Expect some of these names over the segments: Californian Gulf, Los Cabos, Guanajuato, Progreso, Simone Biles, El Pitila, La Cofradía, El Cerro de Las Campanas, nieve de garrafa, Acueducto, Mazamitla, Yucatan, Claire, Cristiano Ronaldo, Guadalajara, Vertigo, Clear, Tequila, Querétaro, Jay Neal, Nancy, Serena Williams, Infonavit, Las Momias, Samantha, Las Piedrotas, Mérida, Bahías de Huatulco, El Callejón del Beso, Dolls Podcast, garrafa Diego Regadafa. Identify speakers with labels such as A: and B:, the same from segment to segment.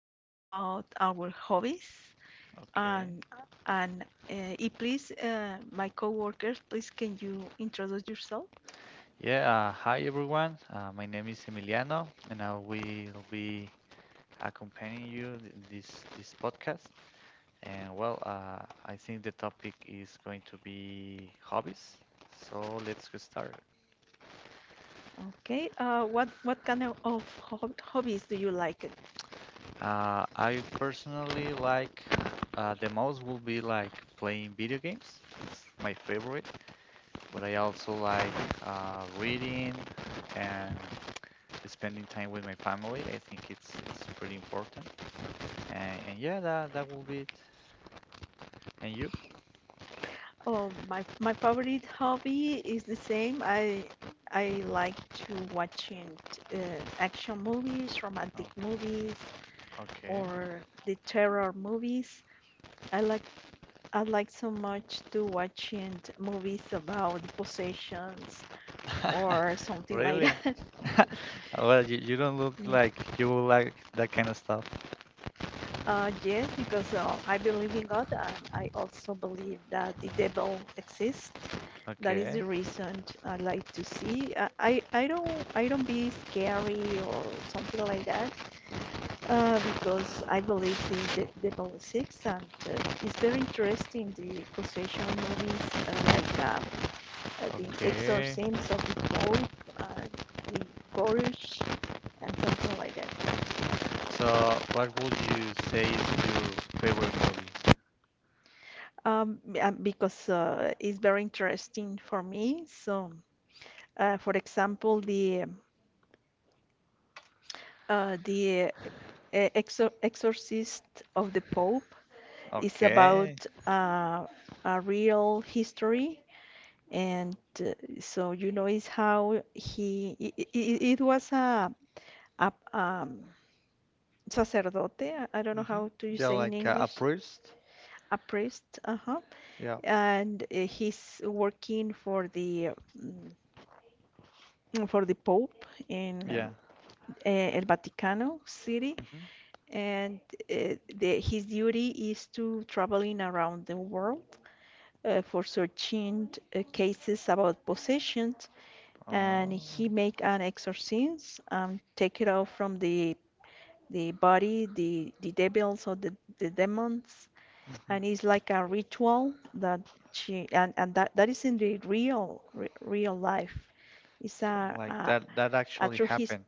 A: talk about our hobbies.
B: Okay.
A: And, and please, my coworkers, please can you introduce yourself?
B: Yeah. Hi, everyone. My name is Emiliano, and I will be accompanying you this podcast. And well, I think the topic is going to be hobbies. So let's get started.
A: Okay, what kind of hobbies do you like it?
B: I personally like the most will be like playing video games. It's my favorite, but I also like reading and spending time with my family. I think it's pretty important. And yeah, that will be it. And you?
A: Oh, my favorite hobby is the same. I like to watching uh, action movies, romantic movies,
B: Okay.
A: or the terror movies. I like I like so much to watching movies about possessions
B: Okay.
A: or something like
B: Really?
A: that.
B: Well, you don't look
A: Yeah.
B: like you will like that kind of stuff.
A: Yes, because I believe in God and I also believe that the devil exists. That is
B: Okay.
A: the reason I like to see. I don't be scary or something like that because I believe in the devil exists and it's very interesting the possession movies uh, like uh, the
B: Okay.
A: exorcisms of the Pope, uh, the Gorish, and something like that.
B: So, what would you say is your favorite movie?
A: Because it's very interesting for me. So, for example, the exorcist of the Pope is
B: Okay.
A: about a real history, and so you know is how he it was a sacerdote. I don't know
B: Mm-hmm.
A: how to
B: Yeah,
A: say in
B: like a
A: English.
B: priest.
A: A priest, uh-huh,
B: Yeah.
A: and he's working for the mm, for the Pope in
B: Yeah.
A: El Vaticano City,
B: Mm-hmm.
A: and the, his duty is to traveling around the world for searching cases about possessions, and
B: Oh.
A: he make an exorcism and take it out from the body, the devils or the demons, and it's like a ritual that she and that is in the real life. It's
B: Mm-hmm. Like that
A: a
B: actually
A: true his,
B: happened.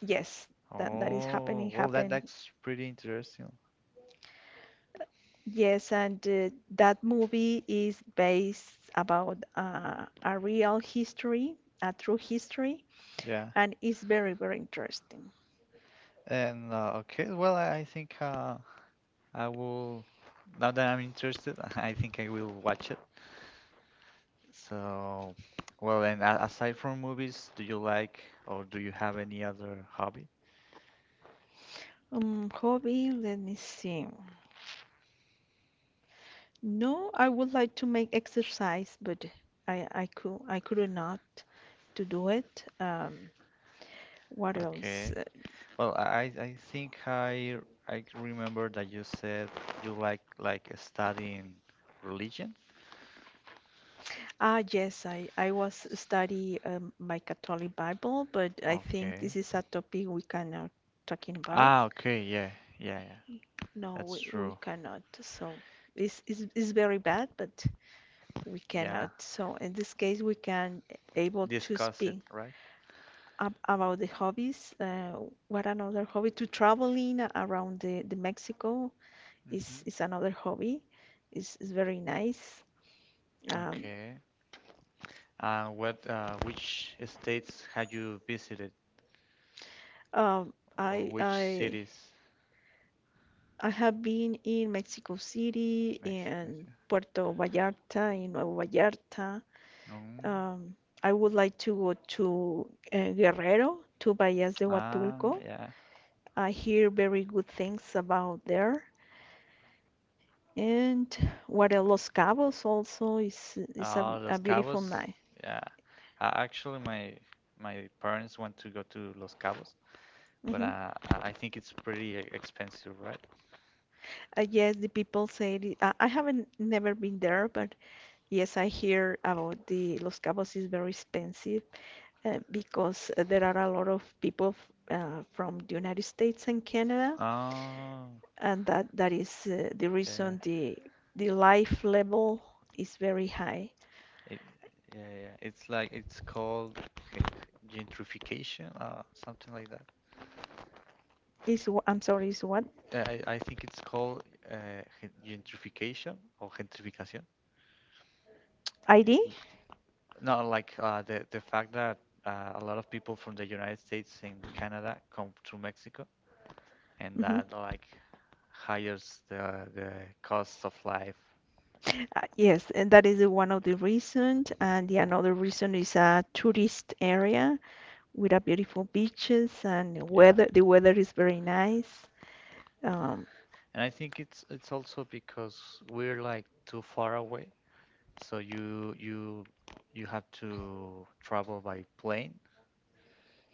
A: yes, that that is
B: Oh,
A: happening
B: well that
A: happen,
B: that's pretty interesting.
A: yes, and that movie is based about a real history, a true history,
B: Yeah.
A: and it's very very interesting.
B: And okay, well, I think I will. Now that I'm interested, I think I will watch it. So, well, and aside from movies, do you like or do you have any other hobby?
A: Hobby, let me see. No, I would like to make exercise, but I could not to do it. What else?
B: Okay. Well, I think I remember that you said you like studying religion.
A: Ah, yes, I was study my Catholic Bible, but I think this
B: Okay.
A: is a topic we cannot talking about.
B: Ah, okay. Yeah, yeah, yeah.
A: No,
B: That's
A: we
B: true.
A: cannot. So it's very bad, but we
B: Yeah.
A: cannot. So in this case, we can able to
B: Discuss it,
A: speak
B: right?
A: ab about the hobbies. What another hobby? To traveling around the Mexico
B: Mm-hmm.
A: is another hobby. It's very nice. Um,
B: Okay. What, which states had you visited,
A: um,
B: or
A: I
B: which
A: I
B: cities?
A: I have been in Mexico City
B: Mexico
A: and
B: City.
A: Puerto Vallarta, in Nuevo Vallarta.
B: Mm.
A: Um, I would like to go to Guerrero, to Bahías de
B: Ah,
A: Huatulco.
B: yeah.
A: I hear very good things about there. And what else? Los Cabos also is
B: Ah,
A: a
B: Los
A: beautiful
B: Cabos.
A: night.
B: Yeah. Actually, my parents want to go to Los Cabos, but
A: Hmm.
B: I think it's pretty expensive, right?
A: Yes, the people say it, I haven't never been there, but yes, I hear about the Los Cabos is very expensive, because there are a lot of people from the United States and Canada,
B: Oh,
A: and that is the
B: yeah.
A: reason the life level is very high.
B: It, yeah, yeah. It's like it's called g- gentrification, something like that.
A: Is wh- I'm sorry, is what
B: Yeah, I think it's called uh, gentrification or gentrificación. Y-
A: ID?
B: No, like the fact that a lot of people from the United States and Canada come to Mexico, and
A: Hmm.
B: that like hires the cost of life.
A: Yes, and that is one of the reasons, and the another reason is a tourist area with a beautiful beaches and
B: Yeah,
A: weather. The weather is very nice. Um,
B: and I think it's also because we're like too far away, so you have to travel by plane,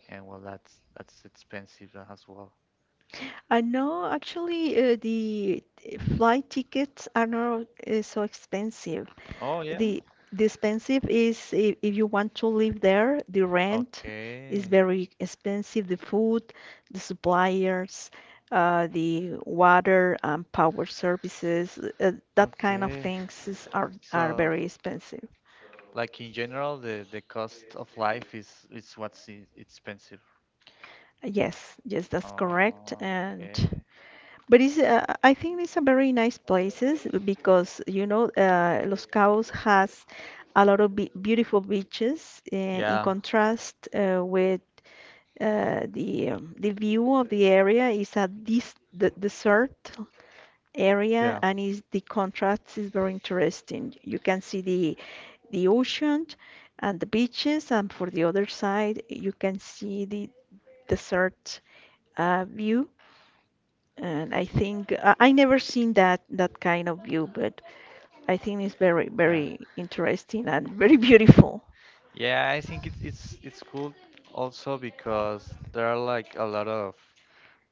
B: and well, that's expensive as well.
A: I know actually the flight tickets are not so expensive.
B: Oh yeah.
A: The the expensive is if you want to live there, the rent
B: Okay.
A: is very expensive, the food, the suppliers, the water and power services, that kind of
B: Okay.
A: things are
B: So,
A: very expensive.
B: like in general, the cost of life is what's expensive.
A: Yes, yes, that's correct. And
B: Okay.
A: but it's, I think it's a very nice places because you know Los Cabos has a lot of be beautiful beaches, and in
B: Yeah.
A: contrast with the view of the area is a this the desert area,
B: Yeah.
A: and is the contrast is very interesting. You can see the ocean and the beaches, and for the other side you can see the desert view, and I think I never seen that kind of view, but I think it's very
B: Yeah.
A: very interesting and very beautiful.
B: Yeah, I think it's cool also because there are like a lot of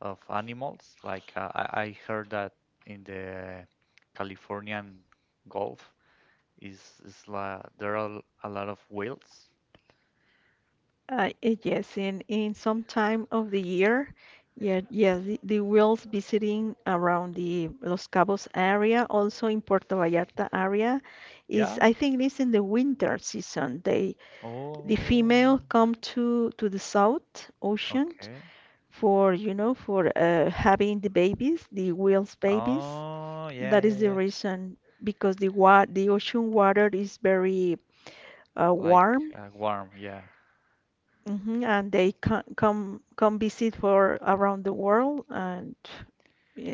B: of animals. Like I heard that in the Californian Gulf is la there are a lot of whales.
A: Yes, in some time of the year, yeah, yeah, the whales visiting around the Los Cabos area, also in Puerto Vallarta area, is
B: Yeah.
A: I think it's in the winter season. They the female
B: Oh.
A: come to the South Ocean
B: Okay.
A: for you know for having the babies, the whales babies.
B: Oh, yeah,
A: That is
B: yeah,
A: the
B: yeah.
A: reason because the ocean water is very
B: Like
A: warm,
B: warm, yeah.
A: hmm, and they ca come come visit for around the world, and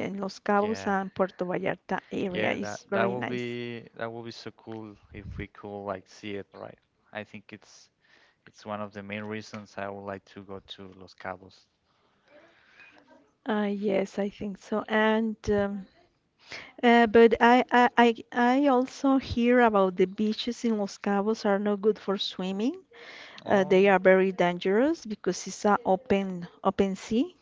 A: in Los Cabos
B: Yeah,
A: and Puerto Vallarta area
B: yeah,
A: is very nice.
B: that will be so cool if we could like see it, right? I think it's one of the main reasons I would like to go to Los Cabos.
A: Yes, I think so. And but, I also hear about the beaches in Los Cabos are not good for swimming.
B: Oh,
A: They are very dangerous because it's a open sea.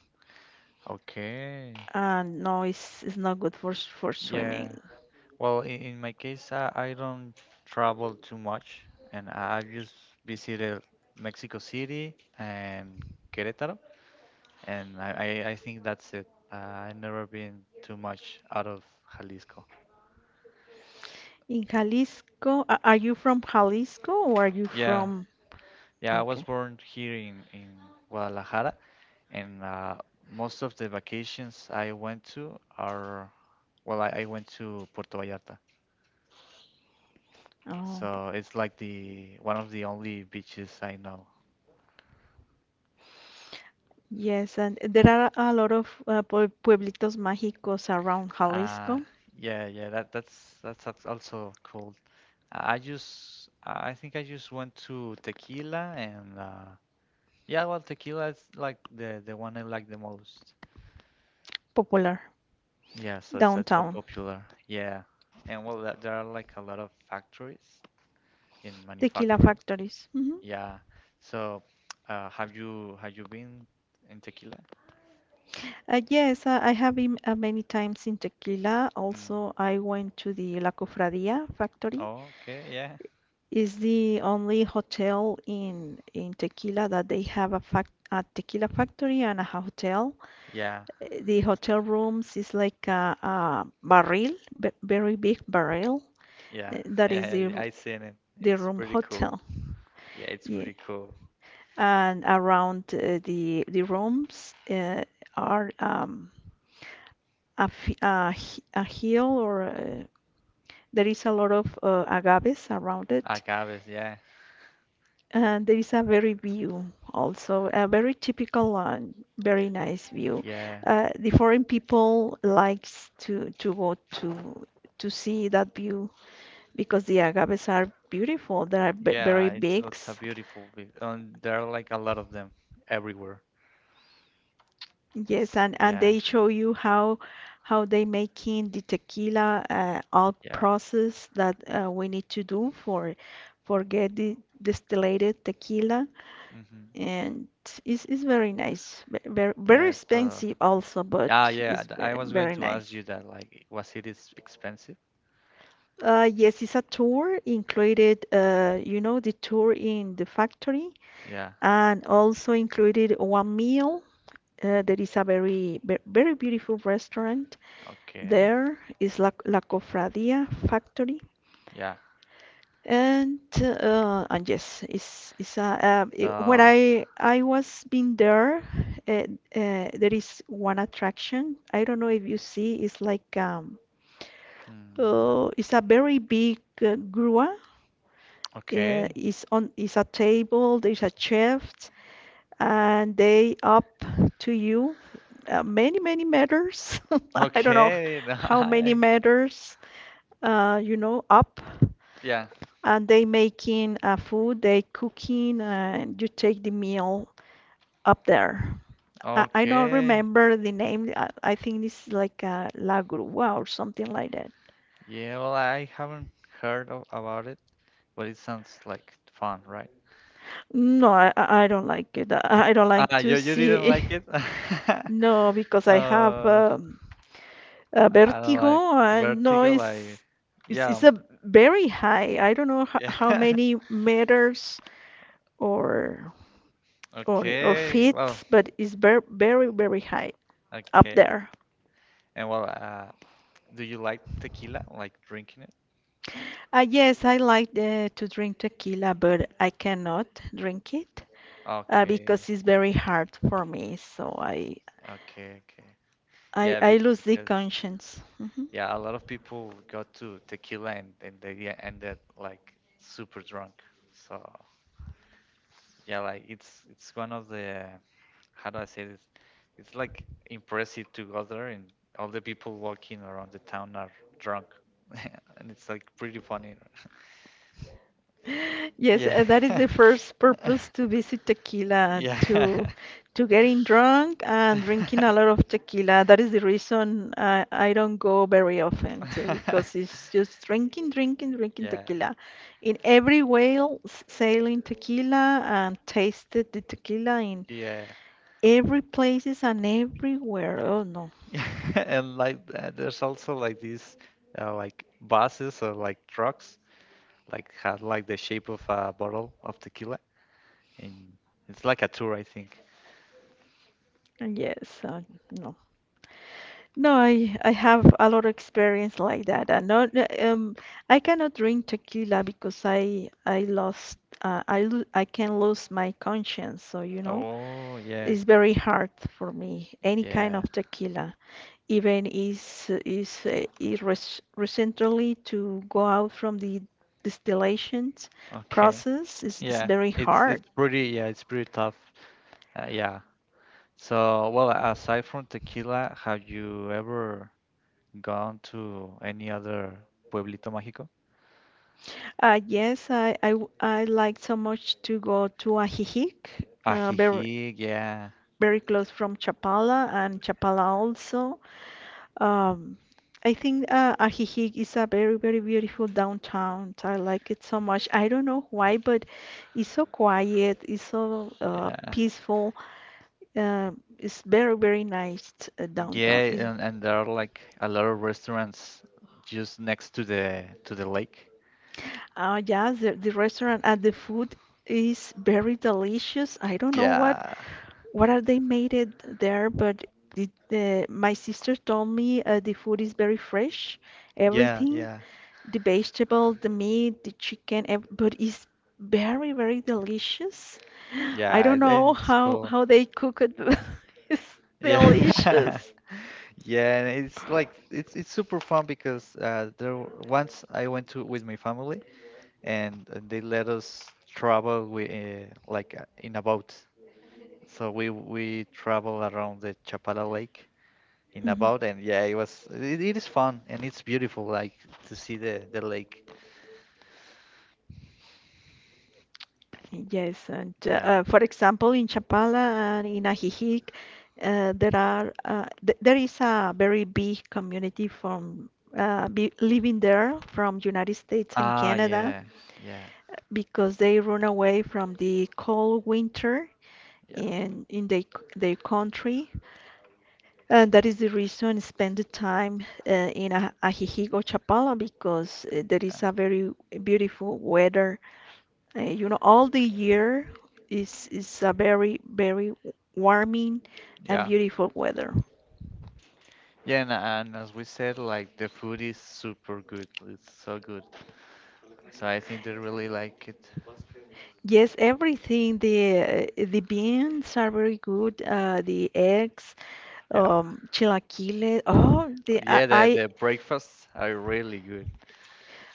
B: okay.
A: And no, it's not good for
B: Yeah.
A: swimming.
B: Well, in my case, I don't travel too much, and I've just visited Mexico City and Querétaro, and I think that's it. I've never been too much out of Jalisco.
A: In Jalisco, a- are you from Jalisco or are you
B: Yeah,
A: from?
B: yeah, I was
A: Okay.
B: born here in Guadalajara, and most of the vacations I went to are, well, I went to Puerto Vallarta,
A: Oh,
B: so it's like the one of the only beaches I know.
A: yes, and there are a lot of pueblitos mágicos around
B: Uh,
A: Jalisco,
B: yeah, yeah, that's also cool. I think I just went to Tequila and yeah, well, Tequila is like the one I like the most.
A: popular
B: Yeah, so it's so
A: downtown,
B: popular. Yeah, and well, there are like a lot of factories in
A: tequila
B: manufacturers.
A: factories. Hmm.
B: Yeah. So, have you been in tequila?
A: Yes, I have been many times in Tequila.
B: Mm.
A: Also, I went to the La Cofradía factory,
B: Oh, okay. Yeah.
A: is the only hotel in Tequila that they have a fac a tequila factory and a hotel.
B: Yeah. Yeah.
A: The hotel rooms is like a barrel, b very big barrel.
B: Yeah,
A: That is
B: yeah, I seen it.
A: the
B: It's
A: room
B: pretty cool.
A: hotel.
B: Yeah, it's
A: Yeah,
B: pretty cool.
A: and around the rooms are a, f- a, h- a hill, or there is a lot of agaves around it,
B: Agaves. Yeah.
A: and there is a very view also, a very typical and very nice view.
B: Yeah.
A: The foreign people likes to go to see that view because the agaves are beautiful. They are b very
B: Yeah. It's
A: big.
B: it's a beautiful. There are like a lot of them everywhere.
A: Yes,
B: S-
A: and
B: Yeah.
A: they show you how they making the tequila, out
B: Yeah.
A: process that we need to do for get the distillated tequila.
B: Mm-hmm.
A: And it's very nice. Very, very
B: Yeah. So.
A: expensive also, but
B: Yeah. Yeah. th- I was going
A: very
B: to
A: nice.
B: ask you that. Like, was it is expensive?
A: Yes, it's a tour included, you know, the tour in the factory,
B: Yeah.
A: and also included one meal. There is a very beautiful restaurant
B: Okay.
A: there. It's La Cofradía Factory.
B: Yeah.
A: And yes, it- when
B: So.
A: I was been there, uh, uh, there is one attraction. I don't know if you see. It's like
B: Mm,
A: it's a very big grua.
B: okay.
A: It's on it's a table. There's a chef, and they up to you many meters. I don't know
B: Okay.
A: how many meters. You know, up.
B: Yeah.
A: And they making food, they cooking, and you take the meal up there. I don't
B: Okay.
A: remember the name. I think it's like La Grúa or something like that.
B: Yeah, well, I haven't heard about it, but it sounds like fun, right?
A: No, I don't like it. I don't like
B: Ah,
A: to
B: you didn't
A: see.
B: like it?
A: No, because I have
B: Uh,
A: a
B: I don't like
A: vertigo, and no,
B: Vertigo.
A: it's
B: Yeah,
A: it's a very high. I don't know how
B: yeah.
A: many meters or or
B: Okay.
A: feet,
B: Well,
A: but it's very very very high up
B: okay.
A: there.
B: And well, do you like tequila? Like drinking it?
A: Yes, I like to drink tequila, but I cannot drink it
B: Okay.
A: because it's very hard for me. So
B: Okay. Okay. Yeah,
A: I
B: be
A: lose the
B: because
A: conscience. Mhm.
B: yeah, a lot of people go to tequila, and, they ended like super drunk. So yeah, like it's one of the, how do I say this? It's like impressive to go there and all the people walking around the town are drunk, and it's like pretty funny.
A: Yes,
B: Yeah,
A: that is the first purpose to visit tequila,
B: yeah,
A: to getting drunk and drinking a lot of tequila. That is the reason I don't go very often too, because it's just drinking, drinking, drinking
B: yeah,
A: tequila. In every whale, sailing tequila and tasted the tequila in
B: yeah.
A: every places and everywhere. Oh no.
B: And like there's also like these like buses or like trucks like had like the shape of a bottle of tequila, and it's like a tour, I think.
A: Yes, no. No, I have a lot of experience like that. And not um I cannot drink tequila because I lost I can lose my conscience. So, you know,
B: Oh yeah,
A: it's very hard for me any kind
B: yeah.
A: of tequila. Even is recently to go out from the distillation
B: Okay,
A: process is
B: yeah.
A: very
B: It's
A: hard.
B: pretty Yeah, it's pretty tough. Yeah. So, well, aside from tequila, have you ever gone to any other pueblito mágico?
A: Yes, I like so much to go to Ajijic, very,
B: Ajijic, yeah,
A: very close from Chapala, and Chapala also. Um, I think Ajijic is a very, very beautiful downtown. I like it so much. I don't know why, but it's so quiet, it's so
B: yeah,
A: peaceful. Uh, it's very, very nice downtown.
B: yeah,
A: It-
B: and there are like a lot of restaurants just next to the lake.
A: Yeah, the restaurant and the food is very delicious. I don't know
B: Yeah,
A: what are they made it there? But it, my sister told me the food is very fresh,
B: yeah,
A: everything,
B: yeah.
A: the vegetable, the meat, the chicken, ev- but it's very, very delicious. I
B: Yeah,
A: don't
B: and
A: know
B: it's cool.
A: how they cook it. But it's
B: Yeah.
A: delicious.
B: Yeah, and it's like it's super fun because there once I went to with my family, and they let us travel with like in a boat. So we travel around the Chapala Lake in a
A: Mhm.
B: boat, and yeah, it is fun, and it's beautiful, like to see the lake.
A: Yes, and
B: Yeah.
A: for example, in Chapala and in Ajijic, there are th there is a very big community from be living there from United States and
B: Ah,
A: Canada
B: yeah. Yeah.
A: because they run away from the cold winter
B: Yeah.
A: in their country. And that is the reason spend the time in Ajijic or Chapala because there
B: Yeah.
A: is a very beautiful weather all the year is a very, very warming and
B: Yeah.
A: beautiful weather.
B: Yeah, and as we said, like the food is super good. It's so good. So I think they really like it.
A: Yes, everything. The beans are very good. The eggs,
B: Yeah.
A: chilaquiles. Oh, the I,
B: Yeah, the,
A: I
B: the breakfasts are really good.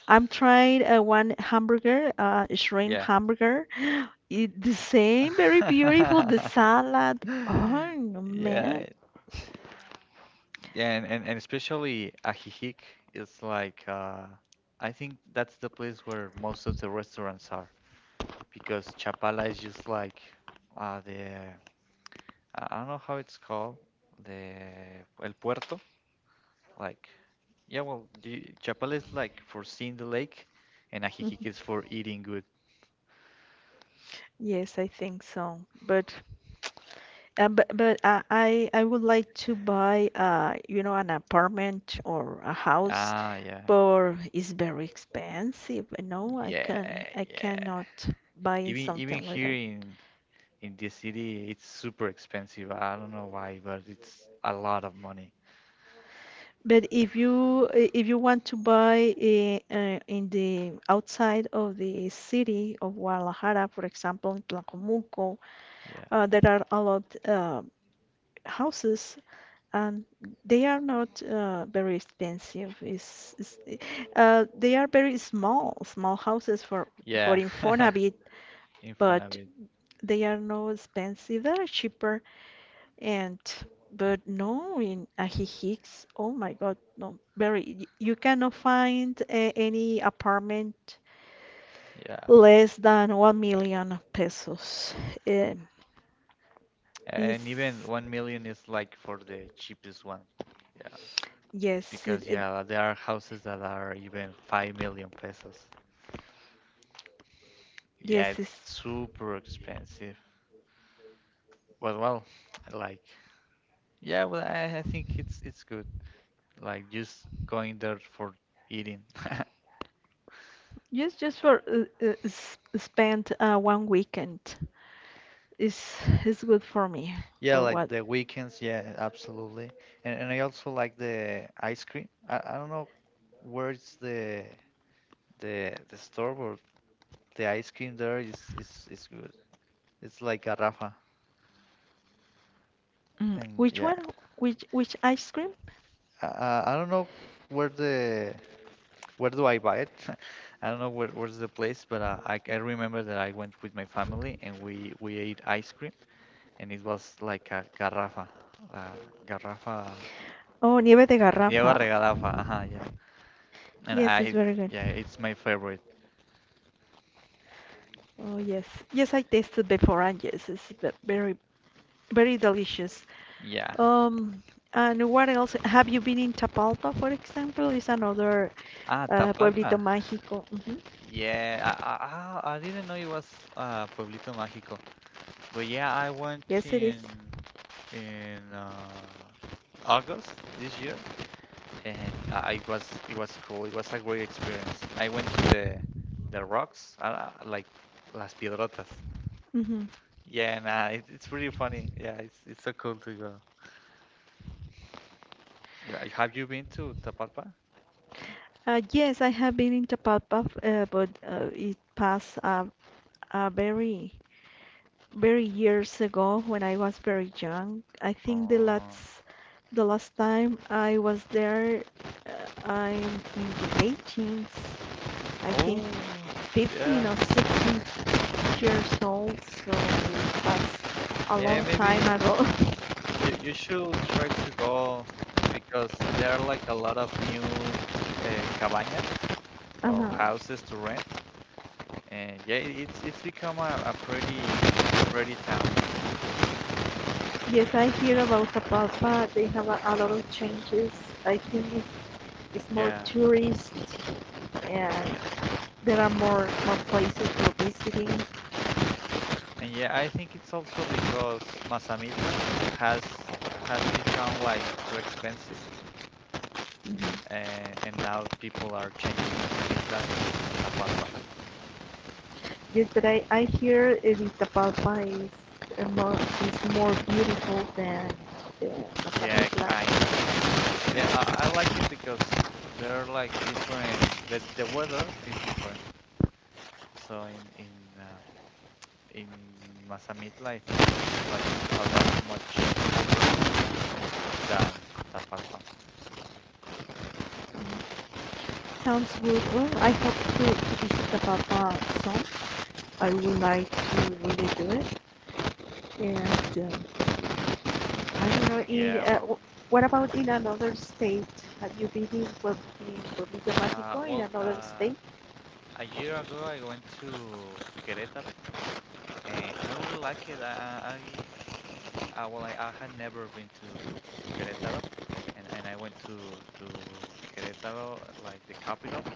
A: I'm trying one hamburger, shrimp
B: Yeah.
A: hamburger. It, the same, very beautiful. The salad. Oh no, man.
B: Yeah. Yeah, and especially Ajijic is like, I think that's the place where most of the restaurants are, because Chapala is just like the I don't know how it's called, the El Puerto, like, yeah, well, you, Chapala is like for seeing the lake and Ajijic is for eating.
A: Yes, I think so. But. But I would like to buy an apartment or a house,
B: Ah, yeah,
A: but it's very expensive. No, I
B: yeah,
A: can I
B: yeah.
A: cannot buy
B: Even
A: something like
B: here
A: that.
B: in this city, it's super expensive. I don't know why, but it's a lot of money.
A: But if you want to buy in the outside of the city of Guadalajara, for example, in Tlajomulco,
B: Yeah,
A: there are a lot houses and they are not very expensive. They are very small, small houses for
B: yeah.
A: Infonavit, but
B: Infonavit.
A: they are not expensive. They are cheaper and but no in Ajijic, oh my God, no, you cannot find any apartment
B: Yeah,
A: less than 1 million pesos. Um,
B: and even
A: is
B: 1 million is like for the cheapest one. Yeah,
A: Yes,
B: because yeah, there are houses that are even 5 million pesos. Yeah,
A: yes,
B: it's
A: it's
B: super expensive. But well, I like yeah, well, I think it's good, like just going there for eating.
A: just for spend one weekend is is good for me.
B: Yeah,
A: For
B: like
A: what?
B: the weekends, yeah, absolutely. And I also like the ice cream. I don't know where's the store, but the ice cream there is good. It's like garrafa.
A: Mm,
B: And
A: which
B: yeah,
A: one? Which ice cream?
B: I don't know where the where do I buy it? I don't know where's the place, but I remember that I went with my family and we ate ice cream, and it was like a garrafa, uh, garrafa
A: Oh, nieve de
B: Diego
A: garrafa.
B: Regadafa, ajá, yeah. And
A: Yes, it's
B: I,
A: very good.
B: yeah, it's my favorite.
A: Oh yes, yes, I tasted before, and yes, it's very very delicious.
B: Yeah.
A: Um, and what else? Have you been in Tapalpa, for example? Is another
B: Ah,
A: pueblito
B: Tapalpa.
A: mágico. Mhm.
B: Yeah, I didn't know it was Pueblito Mágico. But yeah, I went
A: Yes, it is.
B: in August this year, and it was cool. It was a great experience. I went to the rocks, like Las Piedrotas.
A: Mhm.
B: Yeah, and it's pretty funny. Yeah, it's so cool to go. Have you been to Tapalpa?
A: Yes, I have been in Tapalpa, but it passed uh, very, very years ago when I was very young. I think
B: Oh.
A: the last time I was there, I'm in the 18s, I think
B: Oh,
A: 15
B: yeah.
A: or 16 years old, so that's a
B: Yeah,
A: long time
B: maybe
A: ago.
B: you should try to go because there are like a lot of new cabañas or
A: Uh-huh.
B: houses to rent. And yeah, it's become a pretty town.
A: Yes, I hear about Tapalpa. They have a lot of changes. I think it's more
B: Yeah,
A: tourists and
B: yeah.
A: there are more places for visiting.
B: And yeah, I think it's also because Mazamitla has has become like too expensive,
A: Mm-hmm.
B: and now people are changing Mazamitla for Tapalpa.
A: Yes, but I hear it is Tapalpa is more beautiful than the
B: Yeah,
A: Mazamitla.
B: kinda. Yeah, I like it because they're like different. The weather is different. So in Mazamitla, I think it's like a lot much colder than Tapalpa.
A: Sounds good. Well, I hope to visit Tapalpa soon. I would like to really do it. And I don't know. In
B: Yeah, well,
A: what about in another state? Have you been in in Pueblito
B: uh,
A: Mágico in
B: well,
A: another
B: uh,
A: state?
B: a year ago I went to Querétaro, and I really like it. I well, I had never been to Querétaro, and I went to Querétaro, like the capital,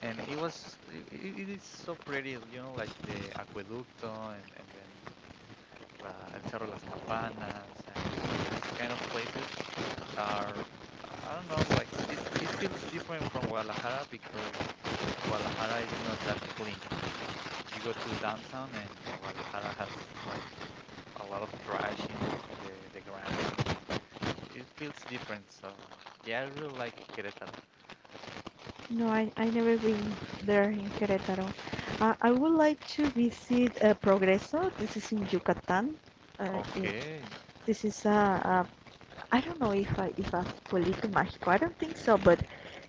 B: and it was it is so pretty, you know, like the Acueducto, and then El Cerro de Las Campanas, and these kind of places are, I don't know, like it feels different from Guadalajara, because Guadalajara is not that clean. You go to downtown, and, Guadalajara has like a lot of trash in the ground, and it feels different. So yeah, I really like Querétaro.
A: No, I never been there in Querétaro. I would like to visit Progreso. This is in Yucatán. Uh, i-
B: Okay.
A: this is a I don't know if a pueblito mágico. I don't think so, but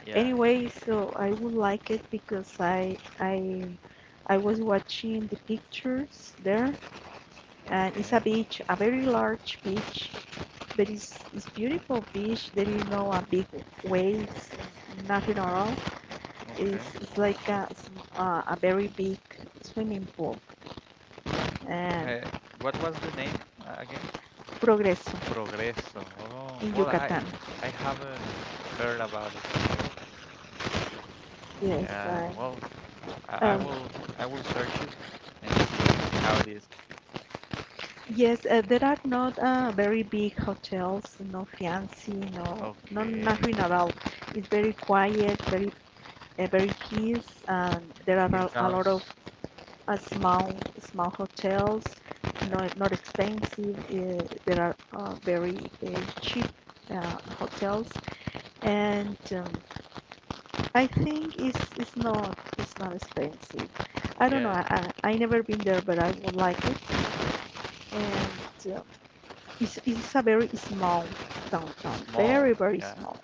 B: Yeah.
A: anyway, so I would like it because I was watching the pictures there, and it's a
B: Okay.
A: beach, a very large beach, but it's beautiful beach. There is no big waves, nothing at all.
B: Okay.
A: It's like a very big swimming pool. And
B: Uh, what was the name again?
A: Progreso
B: Progreso. Oh,
A: in
B: well,
A: Yucatan.
B: I haven't heard about it.
A: Yes,
B: Yeah, well, I, I
A: um,
B: will I will search it and see how it is.
A: yes. There are not very big hotels, no fancy, no, no
B: Okay.
A: nothing at all. It's very quiet, very, very peace, and there
B: Yeah,
A: are
B: it
A: a lot of
B: sounds it
A: small, small hotels,
B: yeah,
A: not expensive. There are very cheap hotels,
B: okay.
A: and I think it's not expensive. I don't know.
B: Yeah,
A: I never been there, but I would like it. And it's a very small
B: it's
A: downtown, very
B: small.
A: very
B: Yeah.
A: small.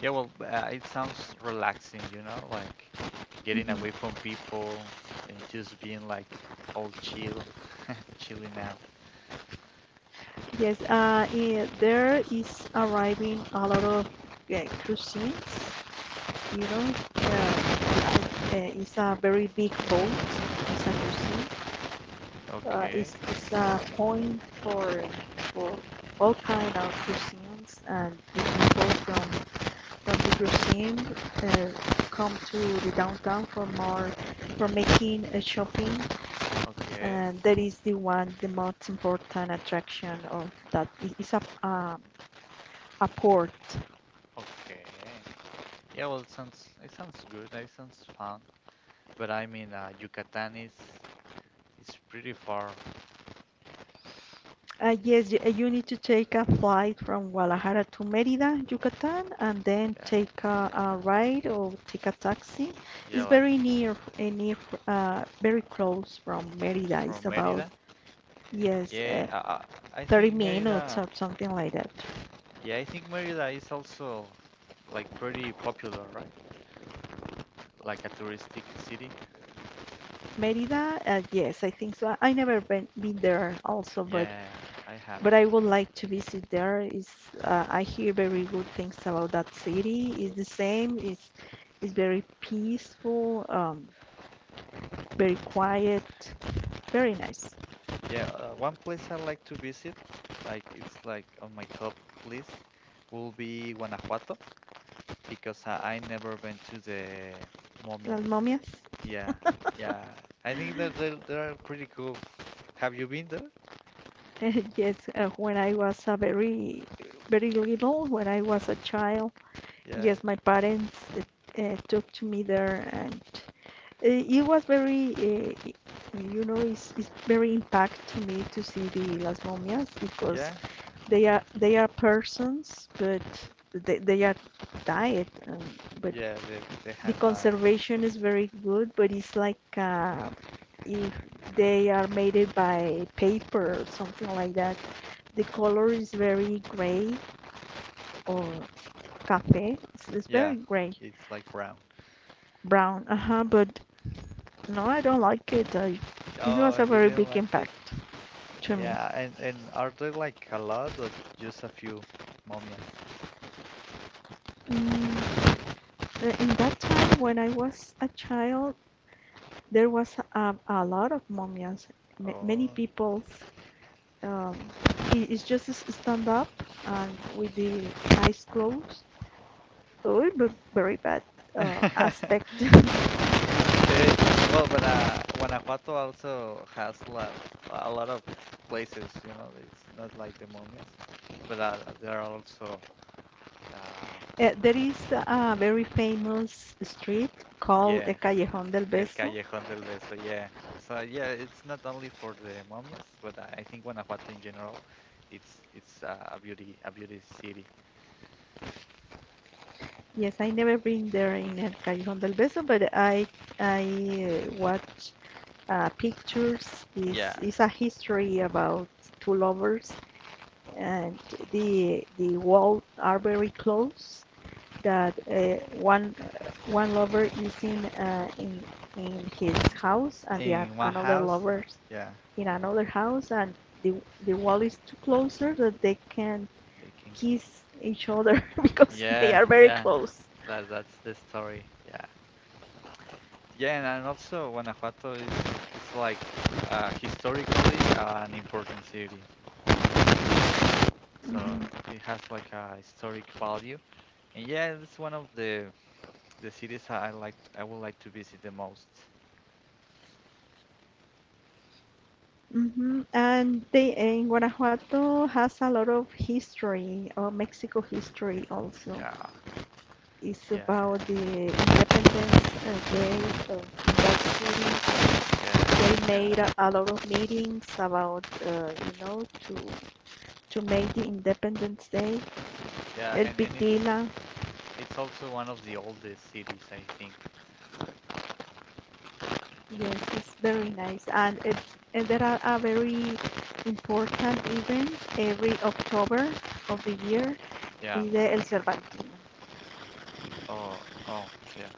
B: Yeah, well, it sounds relaxing, like getting away
A: Mm-hmm.
B: from people and just being like all chill, chilling out.
A: Yes, there is arriving a lot of cuisines. You know, it's a very big boat. It's a cuisine.
B: Okay.
A: It's a point for for all kind of cuisines and people from the scene uh, come to the downtown for making a shopping
B: Okay.
A: and that is the most important attraction of that. It's a port.
B: Okay. Yeah, well, it sounds good. It sounds fun. But I mean, Yucatan is pretty far.
A: Yes you, need to take a flight from Guadalajara to Merida Yucatan and then
B: Yeah,
A: take a ride or take a taxi. It's
B: yeah,
A: very
B: like yeah,
A: near uh, near very
B: uh,
A: close from Merida. It's
B: from
A: about
B: Merida.
A: yes
B: Yeah,
A: uh,
B: I
A: 30
B: think
A: minutes
B: Merida.
A: or something like that.
B: Yeah, I think Merida is also like pretty popular, right? Like a touristic city.
A: Merida, yes, I think so. I never been there also,
B: Yeah, I
A: but
B: haven't.
A: I would like to visit there. Is I hear very good things about that city. It's the same. It's very peaceful, very quiet, very nice.
B: Yeah, one place I like to visit, like it's like on my top list, will be Guanajuato, because I never went to the
A: Las
B: momias.
A: Momias.
B: Yeah, yeah. I think that they are pretty cool. Have you been there?
A: Yes, when I was a very little, when I was a child,
B: Yeah,
A: yes, my parents took to me there and
B: uh,
A: It was very, you know, it's very impact to me to see the Las Momias because
B: yeah,
A: they are persons, but they are died. But
B: yeah. They
A: the
B: have dye.
A: conservation is very good, but it's like if they are made it by paper or something like that. The color is very gray or cafe. It's
B: Yeah,
A: very gray,
B: it's like brown.
A: brown. Uh huh. But no, I don't like it. It was
B: Oh,
A: a
B: you
A: very
B: didn't
A: big
B: like it?
A: impact to me.
B: Yeah, and are there like a lot or just a few momias?
A: Mm, in that time, when I was a child, there was a lot of mummies. Many
B: Oh.
A: people, um, it's just stand up and with the eyes closed. Oh, it very bad aspect.
B: Okay. Well, but Guanajuato also has lots, a lot of places, you know, it's not like the momias, but there are also, um,
A: There is a very famous street called
B: yeah,
A: El Callejón del
B: El
A: Beso.
B: Callejón del Beso, yeah. So yeah, it's not only for the momias, but I think Guanajuato in general, it's a beauty city.
A: Yes, I never been there in El Callejón del Beso, but I watch pictures
B: Yeah.
A: is a history about two lovers, and the walls are very close. That one lover is in his
B: I-
A: house, and the
B: In one
A: another
B: house,
A: lover
B: yeah,
A: in another house, and the the wall is too closer that they can
B: they can.
A: kiss each other because they
B: Yeah,
A: are very
B: yeah,
A: close.
B: that's the story. Yeah, yeah, and also Guanajuato is like historically an important city, so
A: Mm-hmm.
B: it has like a historic value. And yeah, it's one of the cities I would like to visit the most.
A: Hmm, and they in Guanajuato has a lot of history, or Mexico history also.
B: Yeah,
A: It's about
B: yeah,
A: the Independence Day of that
B: yeah,
A: city. They
B: and
A: made
B: I,
A: a lot of meetings about, to make the Independence Day.
B: yeah,
A: El
B: and it's
A: Pitila,
B: it's also one of the oldest cities, I think.
A: yes, it's very nice, and it and there are a very important event every October of the year
B: Yeah.
A: is the El Cervantino.
B: Oh, oh, yeah.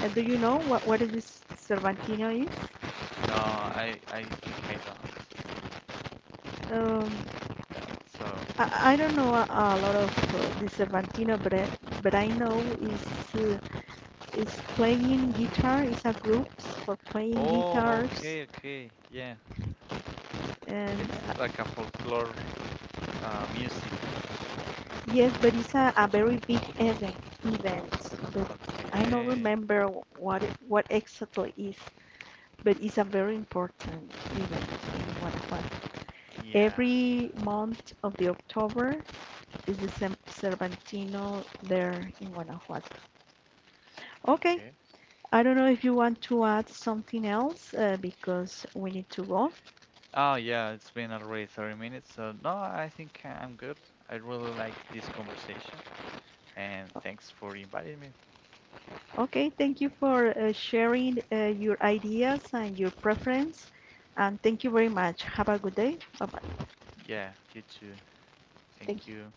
A: Do you know what is this Cervantino is?
B: No, I think I don't.
A: Um,
B: Yeah. So
A: I
B: it's.
A: don't know a lot of the Cervantino, but but I know is uh, is playing guitar. It's a group for playing
B: Oh,
A: guitars,
B: okay, okay. Yeah.
A: and
B: It's
A: uh,
B: like a folklore music.
A: yes, but it's a very big event. Event, but I don't
B: Okay.
A: remember what exactly is. But it's a very important event in Guanajuato.
B: Yeah.
A: Every month of the October, is the Cervantino there in Guanajuato. Okay,
B: Okay.
A: I don't know if you want to add something else because we need to go.
B: Oh, yeah, it's been already 30 minutes. So, no, I think I'm good. I really like this conversation. And thanks for inviting me.
A: Okay, thank you for sharing your ideas and your preference. And thank you very much. Have a good day. Bye bye.
B: Yeah, you too. Thank
A: Thank you.
B: you.